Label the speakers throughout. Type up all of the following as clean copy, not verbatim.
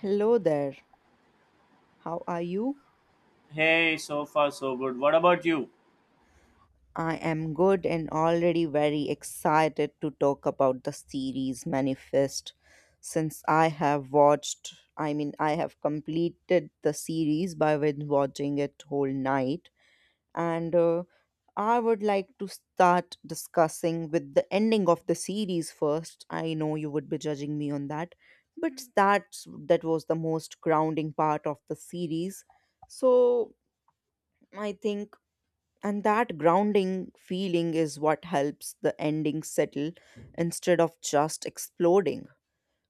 Speaker 1: Hello there. How are you?
Speaker 2: Hey, so far so good. What about you?
Speaker 1: I am good and already very excited to talk about the series Manifest since I have watched, I mean, I have completed the series by with watching it whole night and I would like to start discussing with the ending of the series first. I know you would be judging me on that, but that was the most grounding part of the series. So, I think. And that grounding feeling is what helps the ending settle instead of just exploding.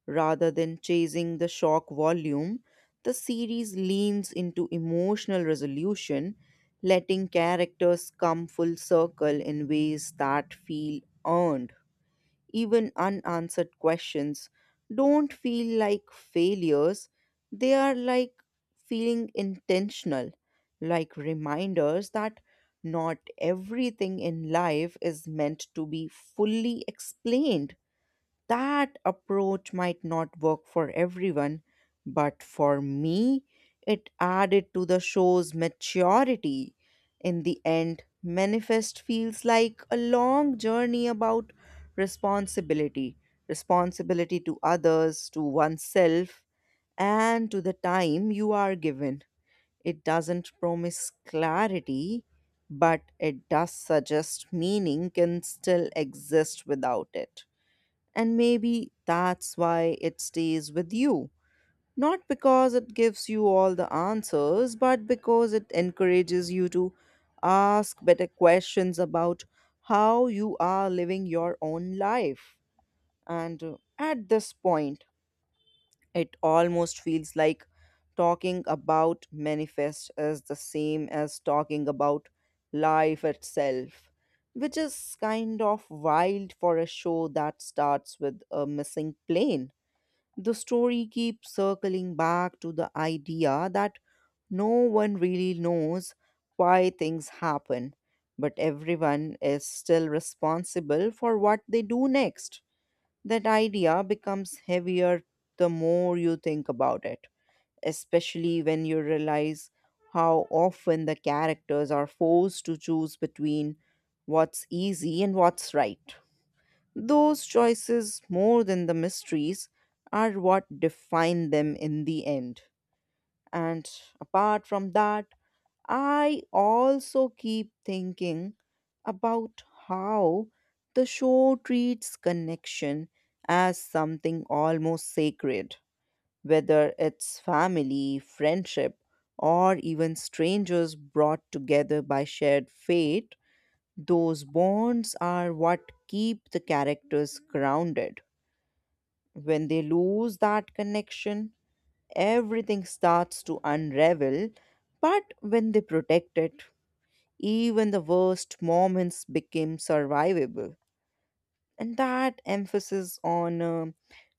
Speaker 1: Rather than chasing the shock volume, the series leans into emotional resolution, letting characters come full circle in ways that feel earned even unanswered questions, don't feel like failures. They are like feeling intentional, like reminders that not everything in life is meant to be fully explained that approach might not work for everyone, but for me, it added to the show's maturity. In the end, Manifest feels like a long journey about responsibility responsibility to others, to oneself, and to the time you are given. It doesn't promise clarity, but it does suggest meaning can still exist without it. And maybe that's why it stays with you. Not because it gives you all the answers, but because it encourages you to ask better questions about how you are living your own life. And at this point, it almost feels like talking about Manifest is the same as talking about life itself, which is kind of wild for a show that starts with a missing plane. The story keeps circling back to the idea that no one really knows why things happen, but everyone is still responsible for what they do next. That idea becomes heavier the more you think about it, especially when you realize how often the characters are forced to choose between what's easy and what's right. Those choices, more than the mysteries, are what define them in the end. And apart from that, I also keep thinking about how the show treats connection as something almost sacred, whether it's family, friendship, or even strangers brought together by shared fate. Those bonds are what keep the characters grounded. When they lose that connection, everything starts to unravel, but when they protect it, even the worst moments became survivable. And that emphasis on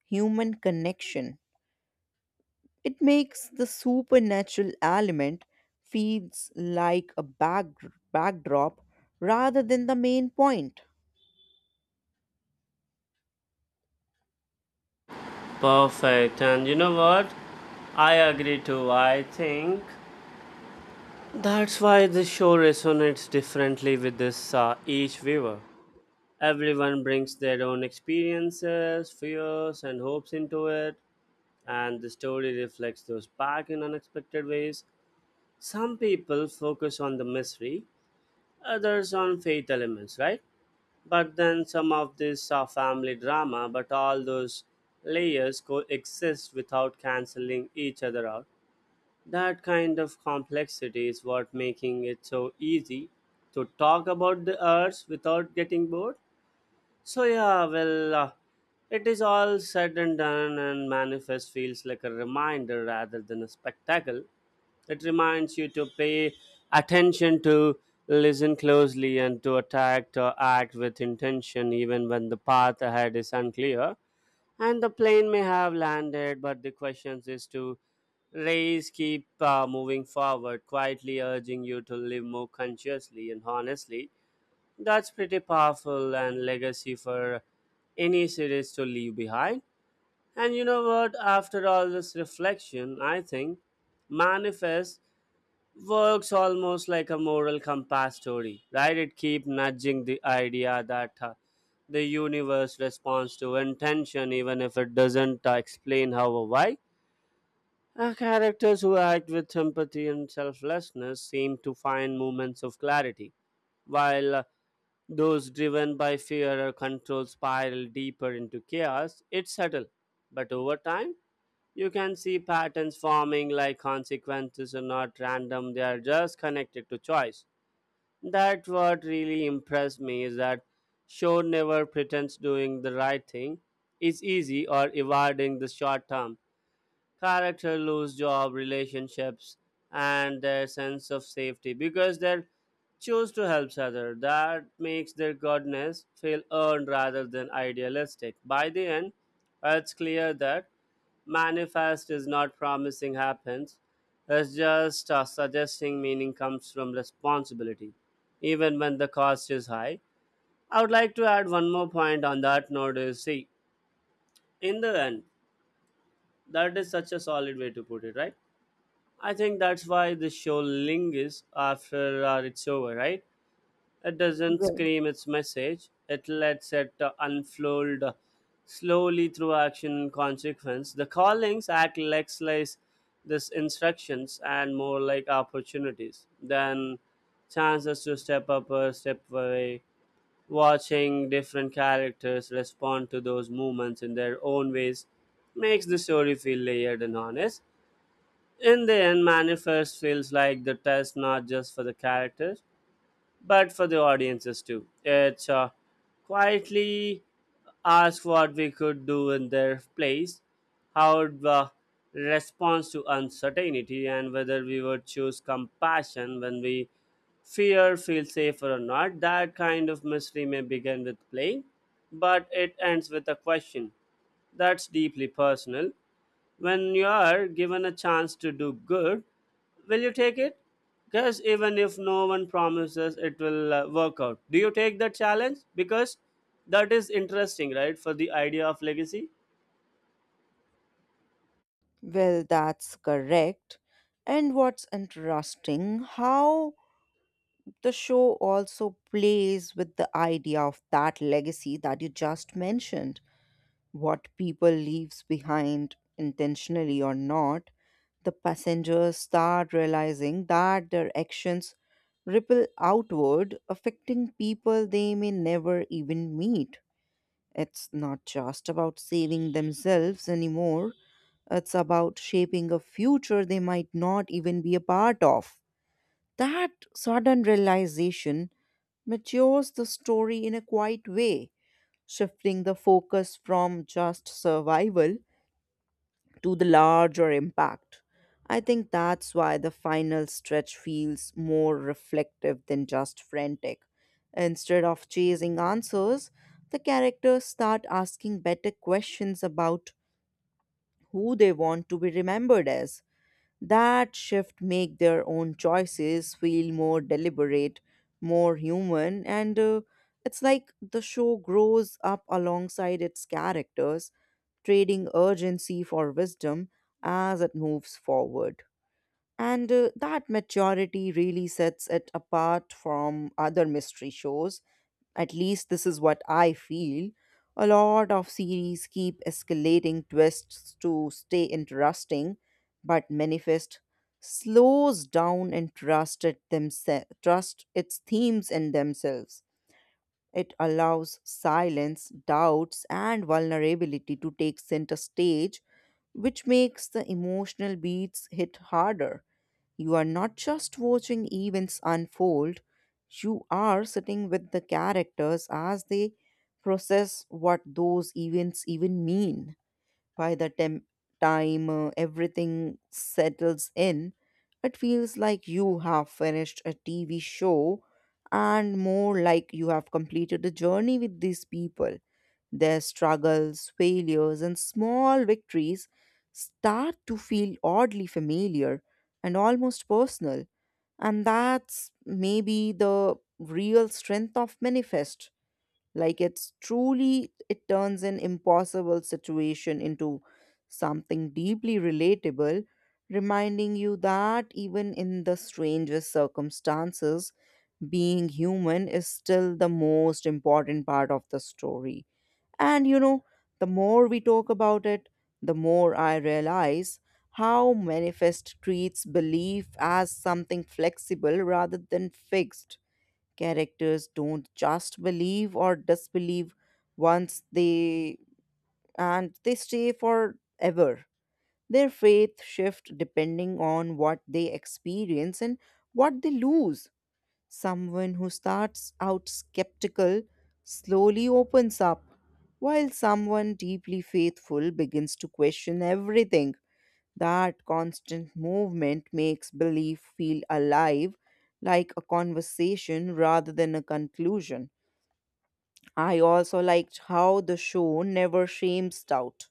Speaker 1: human connection, it makes the supernatural element feels like a backdrop rather than the main point.
Speaker 2: Perfect. And you know what? I agree too. I think that's why this show resonates differently with this each viewer. Everyone brings their own experiences, fears, and hopes into it, and the story reflects those back in unexpected ways. Some people focus on the mystery, others on faith elements, right? But then some of this are family drama, but all those layers coexist without canceling each other out. That kind of complexity is what making it so easy to talk about the arts without getting bored. So yeah, well, it is all said and done, and Manifest feels like a reminder rather than a spectacle. It reminds you to pay attention, to listen closely, and to attack or act with intention, even when the path ahead is unclear. And the plane may have landed, but the question is to raise, keep moving forward, quietly urging you to live more consciously and honestly. That's pretty powerful and legacy for any series to leave behind. And you know what? After all this reflection, I think Manifest works almost like a moral compass story, right? It keeps nudging the idea that the universe responds to intention even if it doesn't explain how or why characters who act with empathy and selflessness seem to find moments of clarity, while those driven by fear or control spiral deeper into chaos. It's subtle, but over time, you can see patterns forming like consequences are not random, they are just connected to choice. That what really impressed me is that show never pretends doing the right thing is easy or evading the short term. Character lose job relationships and their sense of safety because they choose to help other. That makes their goodness feel earned rather than idealistic. By the end, it's clear that Manifest is not promising happens. It's just suggesting meaning comes from responsibility even when the cost is high. I would like to add one more point on that note is see. In the end, that is such a solid way to put it, right? I think that's why the show lingers after it's over, right? It doesn't
Speaker 1: Well,
Speaker 2: scream its message. It lets it unfold slowly through action and consequence. The callings act less like this instructions and more like opportunities than chances to step up or step away. Watching different characters respond to those movements in their own ways makes the story feel layered and honest. In the end, Manifest feels like the test not just for the characters, but for the audiences too. It's quietly ask what we could do in their place, how the response to uncertainty, and whether we would choose compassion when we fear feel safer or not. That kind of mystery may begin with play, but it ends with a question that's deeply personal. When you are given a chance to do good, will you take it? Because even if no one promises it will work out, do you take that challenge? Because that is interesting, right? For the idea of legacy.
Speaker 1: well, that's correct. And what's interesting, how the show also plays with the idea of that legacy that you just mentioned what people leaves behind intentionally or not, the passengers start realizing that their actions ripple outward, affecting people they may never even meet. It's not just about saving themselves anymore, it's about shaping a future they might not even be a part of. That sudden realization matures the story in a quiet way, shifting the focus from just survival to the larger impact. I think that's why the final stretch feels more reflective than just frantic. Instead of chasing answers, the characters start asking better questions about who they want to be remembered as. That shift make their own choices feel more deliberate, more human, and it's like the show grows up alongside its characters, trading urgency for wisdom as it moves forward. And that maturity really sets it apart from other mystery shows. At least this is what I feel. A lot of series keep escalating twists to stay interesting, but Manifest slows down and trust its themes in themselves. It allows silence, doubts, and vulnerability to take center stage, which makes the emotional beats hit harder. You are not just watching events unfold, you are sitting with the characters as they process what those events even mean. By the time everything settles in, it feels like you have finished a TV show and more like you have completed a journey with these people. Their struggles, failures, and small victories start to feel oddly familiar and almost personal. And that's maybe the real strength of Manifest. Like it's truly, it turns an impossible situation into something deeply relatable, reminding you that even in the strangest circumstances, being human is still the most important part of the story. And you know, the more we talk about it, the more I realize how Manifest treats belief as something flexible rather than fixed characters don't just believe or disbelieve once they and they stay forever their faith shift depending on what they experience and what they lose someone who starts out skeptical slowly opens up while someone deeply faithful begins to question everything that constant movement makes belief feel alive like a conversation rather than a conclusion I also liked how the show never shames doubt.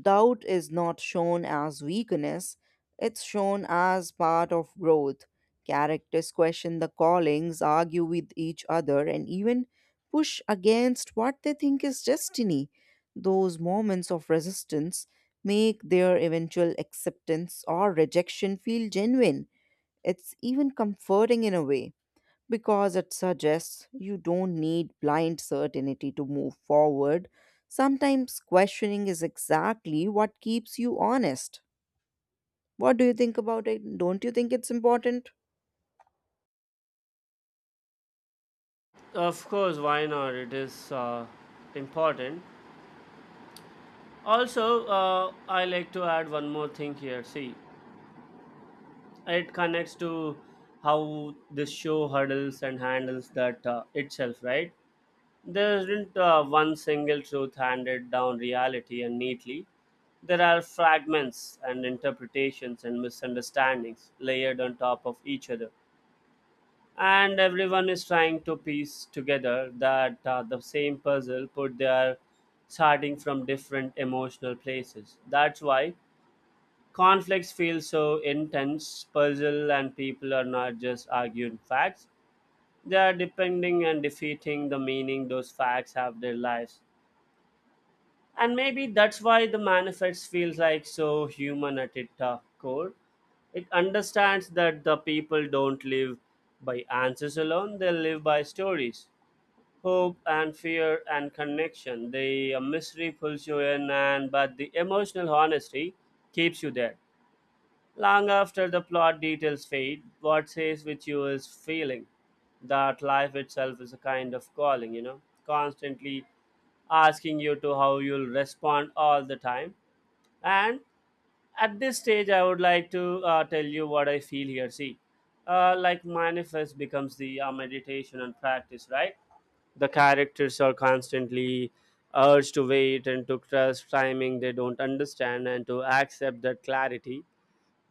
Speaker 1: Doubt is not shown as weakness, it's shown as part of growth. Characters question the callings, argue with each other, and even push against what they think is destiny. Those moments of resistance make their eventual acceptance or rejection feel genuine. It's even comforting in a way because it suggests you don't need blind certainty to move forward. Sometimes questioning is exactly what keeps you honest. What do you think about it? Don't you think it's important?
Speaker 2: Of course, why not? It is important. Also, I like to add one more thing here. See, it connects to how this show hurdles and handles that itself, right? There isn't one single truth handed down reality and neatly. There are fragments and interpretations and misunderstandings layered on top of each other. And everyone is trying to piece together that the same puzzle, but they are starting from different emotional places. That's why conflicts feel so intense, puzzle, and people are not just arguing facts. They are depending and defeating the meaning those facts have their lives. And maybe that's why the Manifest feels like so human at its core. It understands that the people don't live by answers alone. They live by stories, hope and fear and connection. The mystery pulls you in and but the emotional honesty keeps you there long after the plot details fade. What stays with you is feeling that life itself is a kind of calling, constantly asking you to how you'll respond all the time. And at this stage, I would like to tell you what I feel here. See, like Manifest becomes the meditation and practice, right? The characters are constantly urged to wait and to trust timing they don't understand and to accept that clarity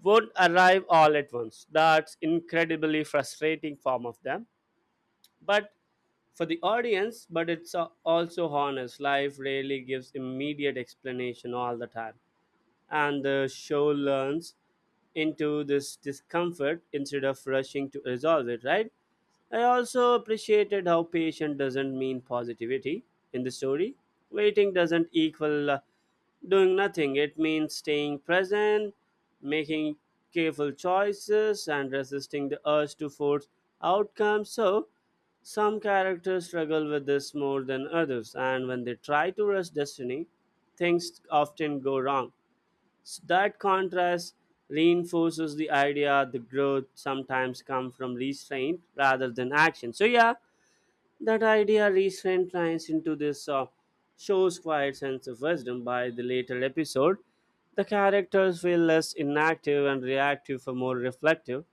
Speaker 2: won't arrive all at once. That's incredibly frustrating form of them, but for the audience, but it's also honest. Life rarely gives immediate explanation all the time, and the show learns into this discomfort instead of rushing to resolve it, right? I also appreciated how patient doesn't mean positivity in the story. Waiting doesn't equal doing nothing, it means staying present, making careful choices, and resisting the urge to force outcomes. So, some characters struggle with this more than others, and when they try to rush destiny, things often go wrong. So that contrast reinforces the idea the growth sometimes comes from restraint rather than action. So yeah, that idea restraint lines into this show's quiet sense of wisdom. By the later episode, the characters feel less inactive and reactive for more reflective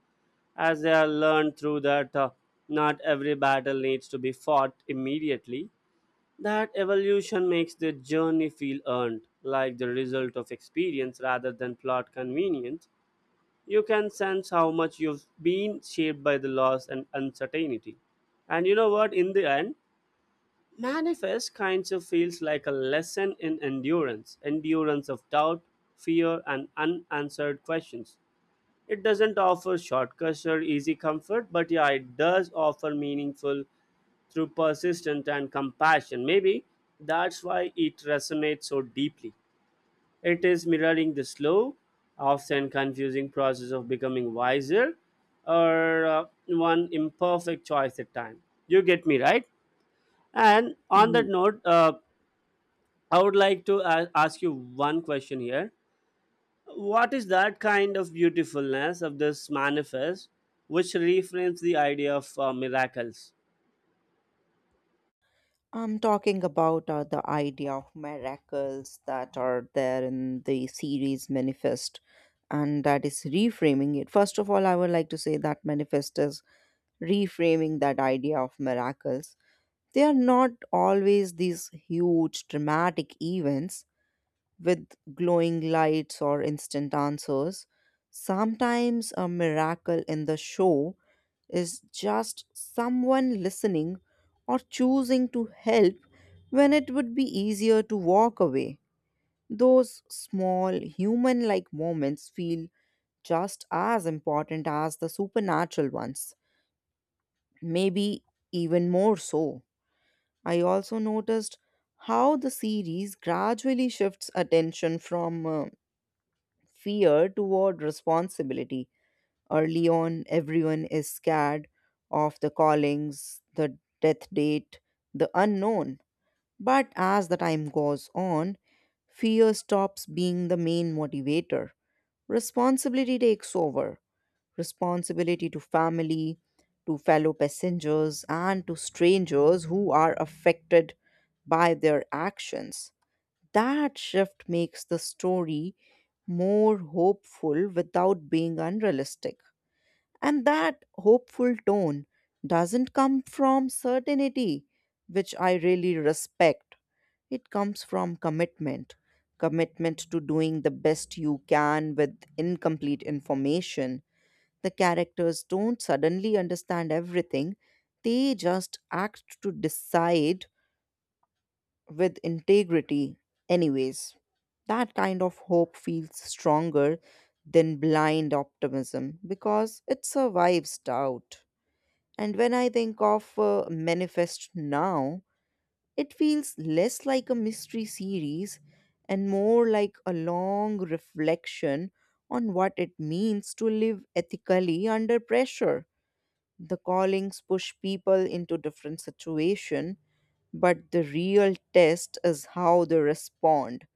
Speaker 2: as they are learned through that not every battle needs to be fought immediately. That evolution makes the journey feel earned, like the result of experience rather than plot convenience. You can sense how much you've been shaped by the loss and uncertainty. And you know what? In the end, Manifest kinds of feels like a lesson in endurance, endurance of doubt, fear, and unanswered questions. It doesn't offer shortcuts or easy comfort, but yeah, it does offer meaningful through persistence and compassion. Maybe that's why it resonates so deeply. It is mirroring the slow, often confusing process of becoming wiser or one imperfect choice at time. You get me, right? And on
Speaker 1: Mm.
Speaker 2: that note, I would like to ask you one question here. What is that kind of beautifulness of this Manifest which reframes the idea of miracles?
Speaker 1: I'm talking about the idea of miracles that are there in the series Manifest, and that is reframing it. First of all, I would like to say that Manifest is reframing that idea of miracles. They are not always these huge dramatic events with glowing lights or instant answers. Sometimes a miracle in the show is just someone listening or choosing to help when it would be easier to walk away. Those small human like moments feel just as important as the supernatural ones, maybe even more so. I also noticed how the series gradually shifts attention from fear toward responsibility. Early on, everyone is scared of the callings, the death date, the unknown. But as the time goes on, fear stops being the main motivator. Responsibility takes over. Responsibility to family, to fellow passengers, and to strangers who are affected by their actions. That shift makes the story more hopeful without being unrealistic. And that hopeful tone doesn't come from certainty, which I really respect. It comes from commitment commitment to doing the best you can with incomplete information. The characters don't suddenly understand everything, they just act to decide with integrity, anyways. That kind of hope feels stronger than blind optimism because it survives doubt. And when I think of Manifest now, it feels less like a mystery series and more like a long reflection on what it means to live ethically under pressure. The callings push people into different situations, but the real test is how they respond.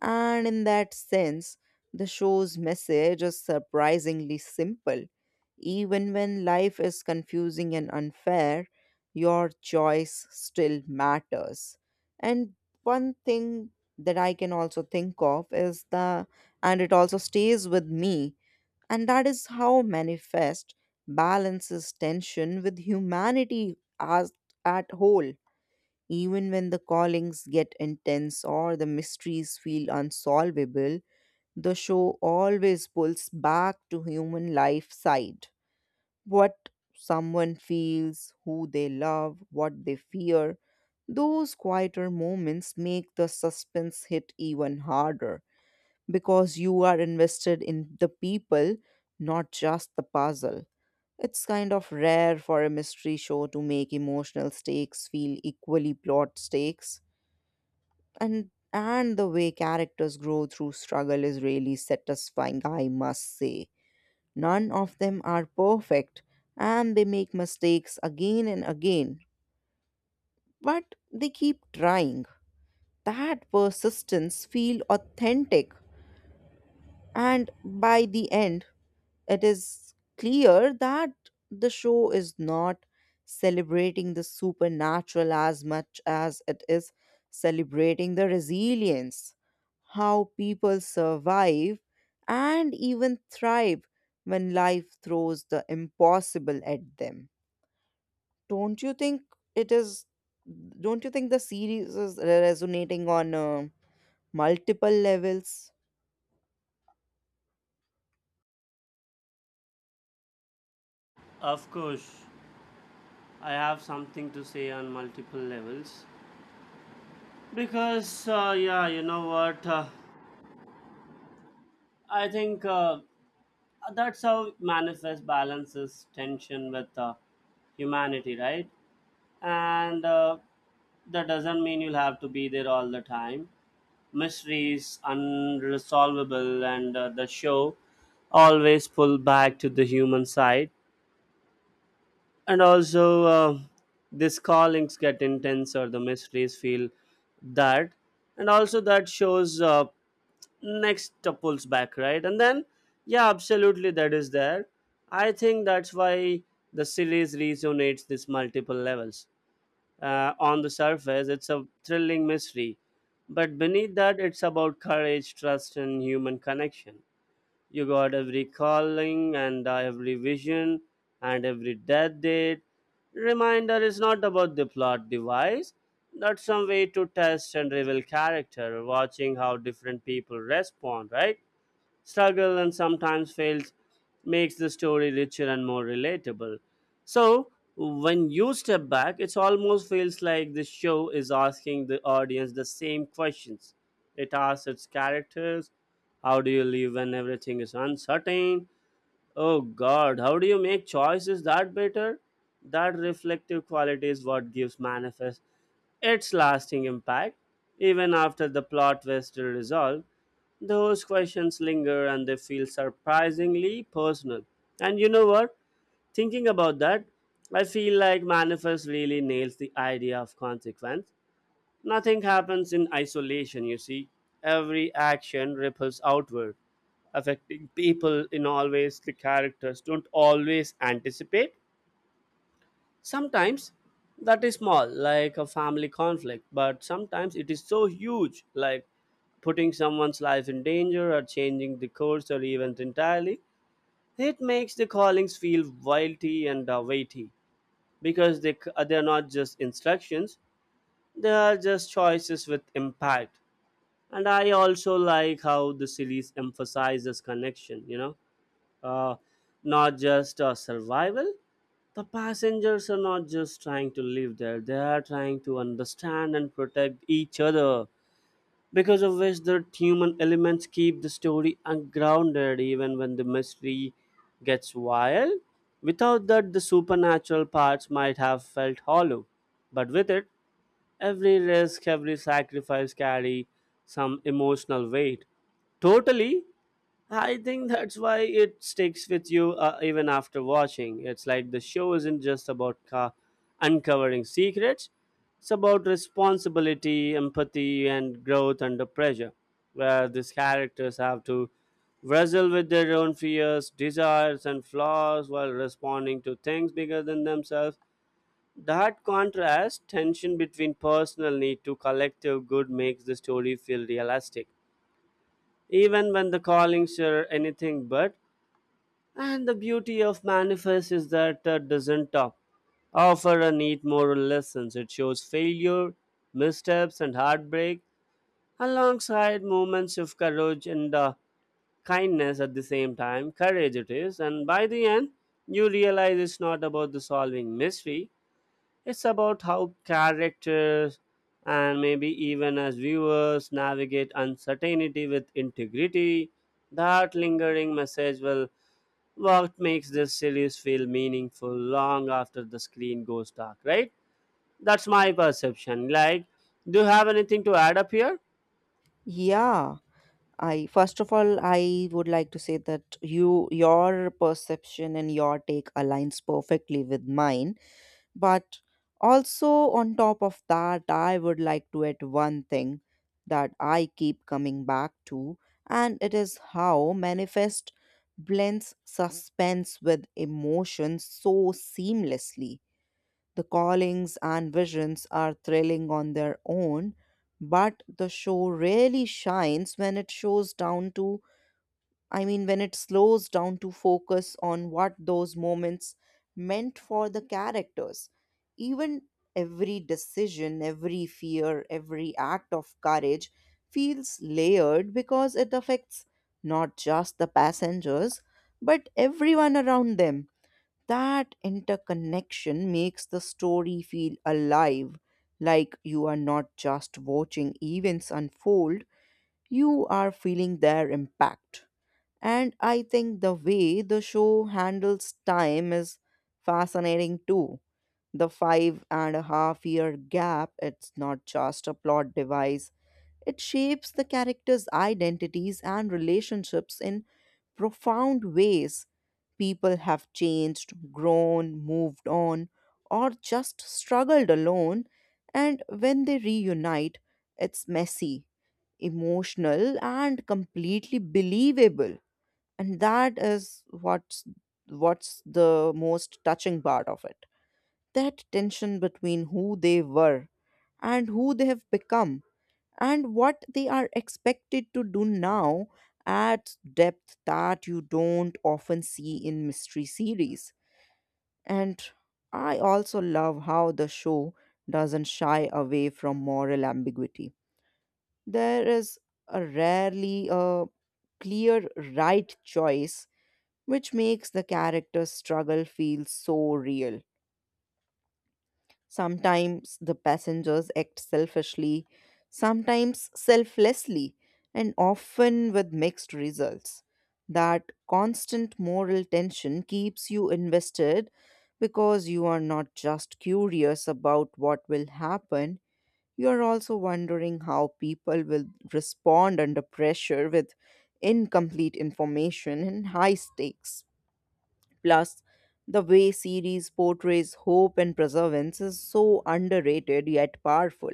Speaker 1: And in that sense, the show's message is surprisingly simple. Even when life is confusing and unfair, your choice still matters. And one thing that I can also think of is the, and it also stays with me, and that is how Manifest balances tension with humanity as at whole even when the callings get intense or the mysteries feel unsolvable, the show always pulls back to human life side. What someone feels, who they love, what they fear. Those quieter moments make the suspense hit even harder because you are invested in the people, not just the puzzle. It's kind of rare for a mystery show to make emotional stakes feel equally plot stakes and the way characters grow through struggle is really satisfying, I must say. None of them are perfect and they make mistakes again and again, but they keep trying. That persistence feel authentic, and by the end it is clear that the show is not celebrating the supernatural as much as it is celebrating the resilience, how people survive and even thrive when life throws the impossible at them. Don't you think it is? Don't you think the series is resonating on multiple levels?
Speaker 2: Of course, I have something to say on multiple levels because, yeah, you know what? I think that's how it manifest balances tension with humanity, right? And that doesn't mean you'll have to be there all the time. Mysteries, unresolvable, and the show always pull back to the human side and also these callings get intense or the mysteries feel that, and also that shows next pulls back, right? And then yeah, absolutely, that is there. I think that's why the series resonates this multiple levels. On the surface it's a thrilling mystery, but beneath that it's about courage, trust, and human connection. You got every calling and every vision and every death date. Reminder is not about the plot device, that's some way to test and reveal character, watching how different people respond, right? Struggle and sometimes fails makes the story richer and more relatable. So when you step back, it almost feels like the show is asking the audience the same questions. It asks its characters, how do you live when everything is uncertain? Oh God, how do you make choices that better? That reflective quality is what gives Manifest its lasting impact. Even after the plot twist is resolved, those questions linger and they feel surprisingly personal. And you know what? Thinking about that, I feel like Manifest really nails the idea of consequence. Nothing happens in isolation, you see. Every action ripples outward affecting people in always the characters don't always anticipate. Sometimes that is small, like a family conflict, but sometimes it is so huge, like putting someone's life in danger or changing the course or event entirely. It makes the callings feel weighty and weighty because they are not just instructions; they are just choices with impact. And I also like how the series emphasizes connection. Uh, Not just survival. The passengers are not just trying to live there, they are trying to understand and protect each other, because of which the human elements keep the story ungrounded even when the mystery gets wild. Without that, the supernatural parts might have felt hollow, but with it, every risk, every sacrifice carry some emotional weight. Totally, I think that's why it sticks with you even after watching. It's like the show isn't just about uncovering secrets, it's about responsibility, empathy, and growth under pressure, where these characters have to wrestle with their own fears, desires, and flaws while responding to things bigger than themselves. That contrast, tension between personal need to collective good, makes the story feel realistic. Even when the callings are anything but, and the beauty of Manifest is that it doesn't top, offer a neat moral lessons. It shows failure, missteps, and heartbreak alongside moments of courage and kindness at the same time. Courage it is, and by the end, you realize it's not about the solving mystery, it's about how characters and maybe even as viewers navigate uncertainty with integrity. That lingering message will what makes this series feel meaningful long after the screen goes dark, right? That's my perception. Like, do you have anything to add up here?
Speaker 1: Yeah. I, first of all, I would like to say that you, your perception and your take aligns perfectly with mine, but also on top of that I would like to add one thing that I keep coming back to, and it is how Manifest blends suspense with emotion so seamlessly. The callings and visions are thrilling on their own, but the show really shines when it shows down to, I mean, when it slows down to focus on what those moments meant for the characters. Even every decision, every fear, every act of courage feels layered because it affects not just the passengers, but everyone around them. That interconnection makes the story feel alive, like you are not just watching events unfold, you are feeling their impact. And I think the way the show handles time is fascinating too. The 5.5-year gap, it's not just a plot device, it shapes the characters' identities and relationships in profound ways. People have changed, grown, moved on, or just struggled alone, and when they reunite, it's messy, emotional, and completely believable. And that is what's the most touching part of it. That tension between who they were and who they have become and what they are expected to do now adds depth that you don't often see in mystery series. And I also love how the show doesn't shy away from moral ambiguity. There is a rarely a clear right choice, which makes the character's struggle feel so real. Sometimes the passengers act selfishly, sometimes selflessly, and often with mixed results. That constant moral tension keeps you invested because you are not just curious about what will happen, you are also wondering how people will respond under pressure with incomplete information and high stakes. Plus, the way series portrays hope and perseverance is so underrated yet powerful.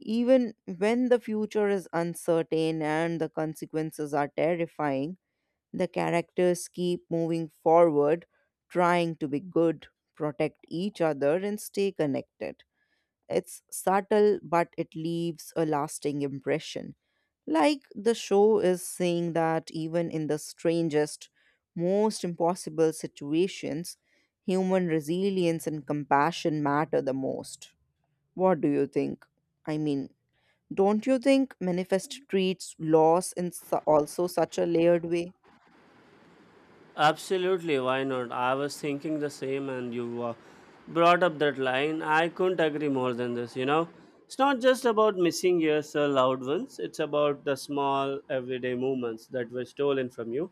Speaker 1: Even when the future is uncertain and the consequences are terrifying, the characters keep moving forward, trying to be good, protect each other, and stay connected. It's subtle, but it leaves a lasting impression. Like the show is saying that even in the strangest, most impossible situations, human resilience and compassion matter the most. What do you think? I mean, don't you think Manifest treats loss in su- also such a layered way?
Speaker 2: Absolutely, why not? I was thinking the same, and you brought up that line. I couldn't agree more than this. It's not just about missing years the loud ones, it's about the small, everyday moments that were stolen from you,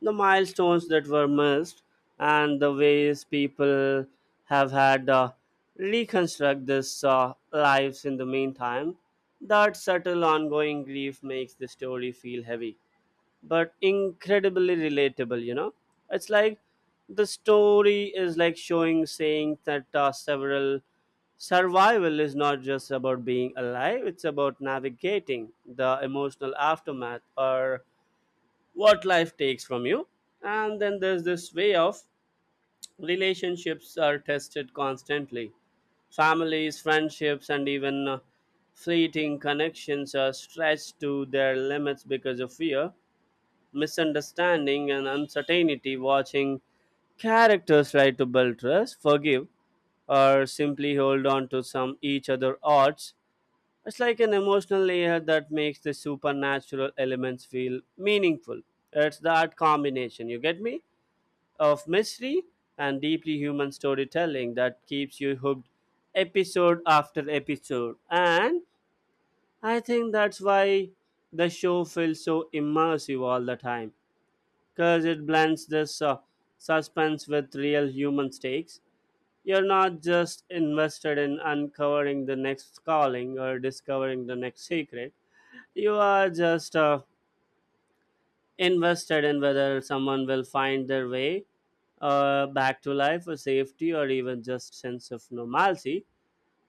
Speaker 2: the milestones that were missed, and the ways people have had reconstruct this lives in the meantime. That subtle, ongoing grief makes the story feel heavy but incredibly relatable. It's like the story is like showing saying that several survival is not just about being alive. It's about navigating the emotional aftermath or what life takes from you. And then there's this way of relationships are tested constantly, families, friendships, and even fleeting connections are stretched to their limits because of fear, misunderstanding, and uncertainty. Watching characters try to build trust, forgive, or simply hold on to some each other odds, it's like an emotional layer that makes the supernatural elements feel meaningful. It's that combination, you get me of mystery and deeply human storytelling that keeps you hooked episode after episode. And I think that's why the show feels so immersive all the time, because it blends this suspense with real human stakes. You're not just invested in uncovering the next calling or discovering the next secret. You are just invested in whether someone will find their way back to life or safety or even just sense of normalcy.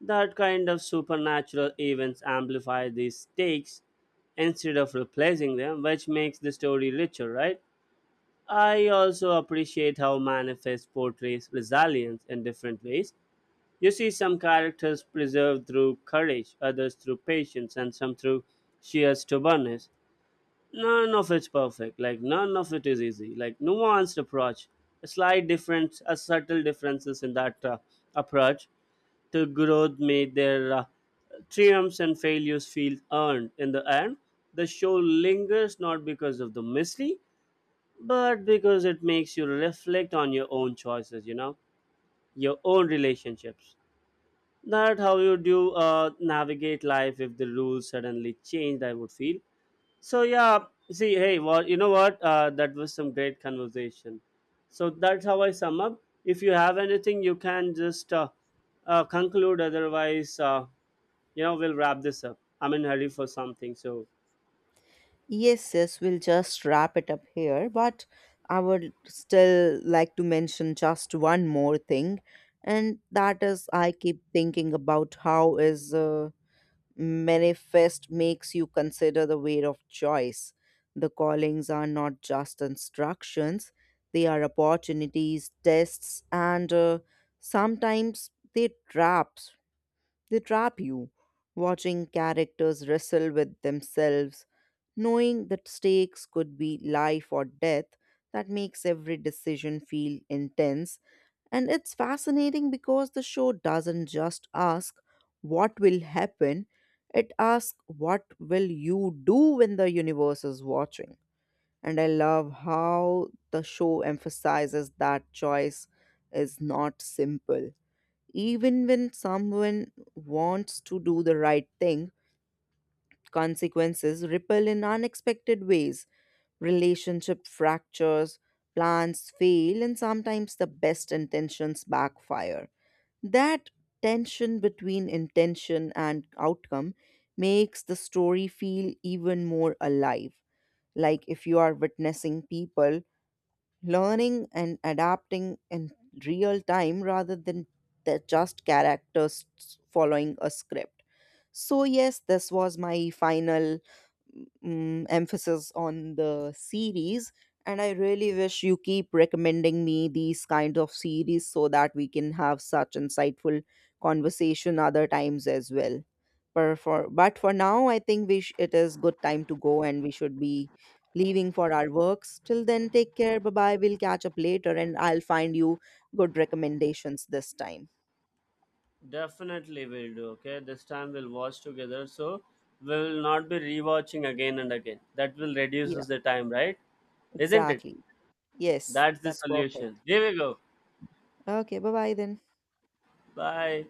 Speaker 2: That kind of supernatural events amplify these stakes instead of replacing them, which makes the story richer, right? I also appreciate how Manifest portrays resilience in different ways. You see some characters preserved through courage, others through patience, and some through sheer stubbornness. None of it's perfect. Like none of it is easy. Like nuanced approach, a slight difference, a subtle differences in that approach to growth made their triumphs and failures feel earned. In the end, the show lingers not because of the mystery, but because it makes you reflect on your own choices, your own relationships, that how you do navigate life if the rules suddenly changed I would feel so. Yeah, see, hey, what, that was some great conversation. So that's how I sum up. If you have anything you can just conclude. Otherwise, we'll wrap this up. I'm in hurry for something, so
Speaker 1: Yes, yes, we'll just wrap it up here, but I would still like to mention just one more thing, and that is I keep thinking about how is Manifest makes you consider the weight of choice. The callings are not just instructions, they are opportunities, tests, and sometimes they trap you, watching characters wrestle with themselves, knowing that stakes could be life or death. That makes every decision feel intense. And it's fascinating because the show doesn't just ask what will happen, it asks what will you do when the universe is watching. And I love how the show emphasizes that choice is not simple. Even when someone wants to do the right thing, consequences ripple in unexpected ways. Relationship fractures, plans fail, and sometimes the best intentions backfire. That tension between intention and outcome makes the story feel even more alive. Like if you are witnessing people learning and adapting in real time rather than they're just characters following a script. So, yes, this was my final emphasis on the series, and I really wish you keep recommending me these kinds of series so that we can have such insightful conversation other times as well, but for now I think it is good time to go and we should be leaving for our works. Till then, take care. Bye bye, we'll catch up later and I'll find you good recommendations this time.
Speaker 2: definitely will do. Okay, this time we'll watch together. So we will not be rewatching again and again. That will
Speaker 1: Yeah,
Speaker 2: reduces the time, right? Isn't it?
Speaker 1: exactly. Yes,
Speaker 2: That's the
Speaker 1: that's perfect.
Speaker 2: solution. Here we go.
Speaker 1: Okay, bye bye then.
Speaker 2: Bye.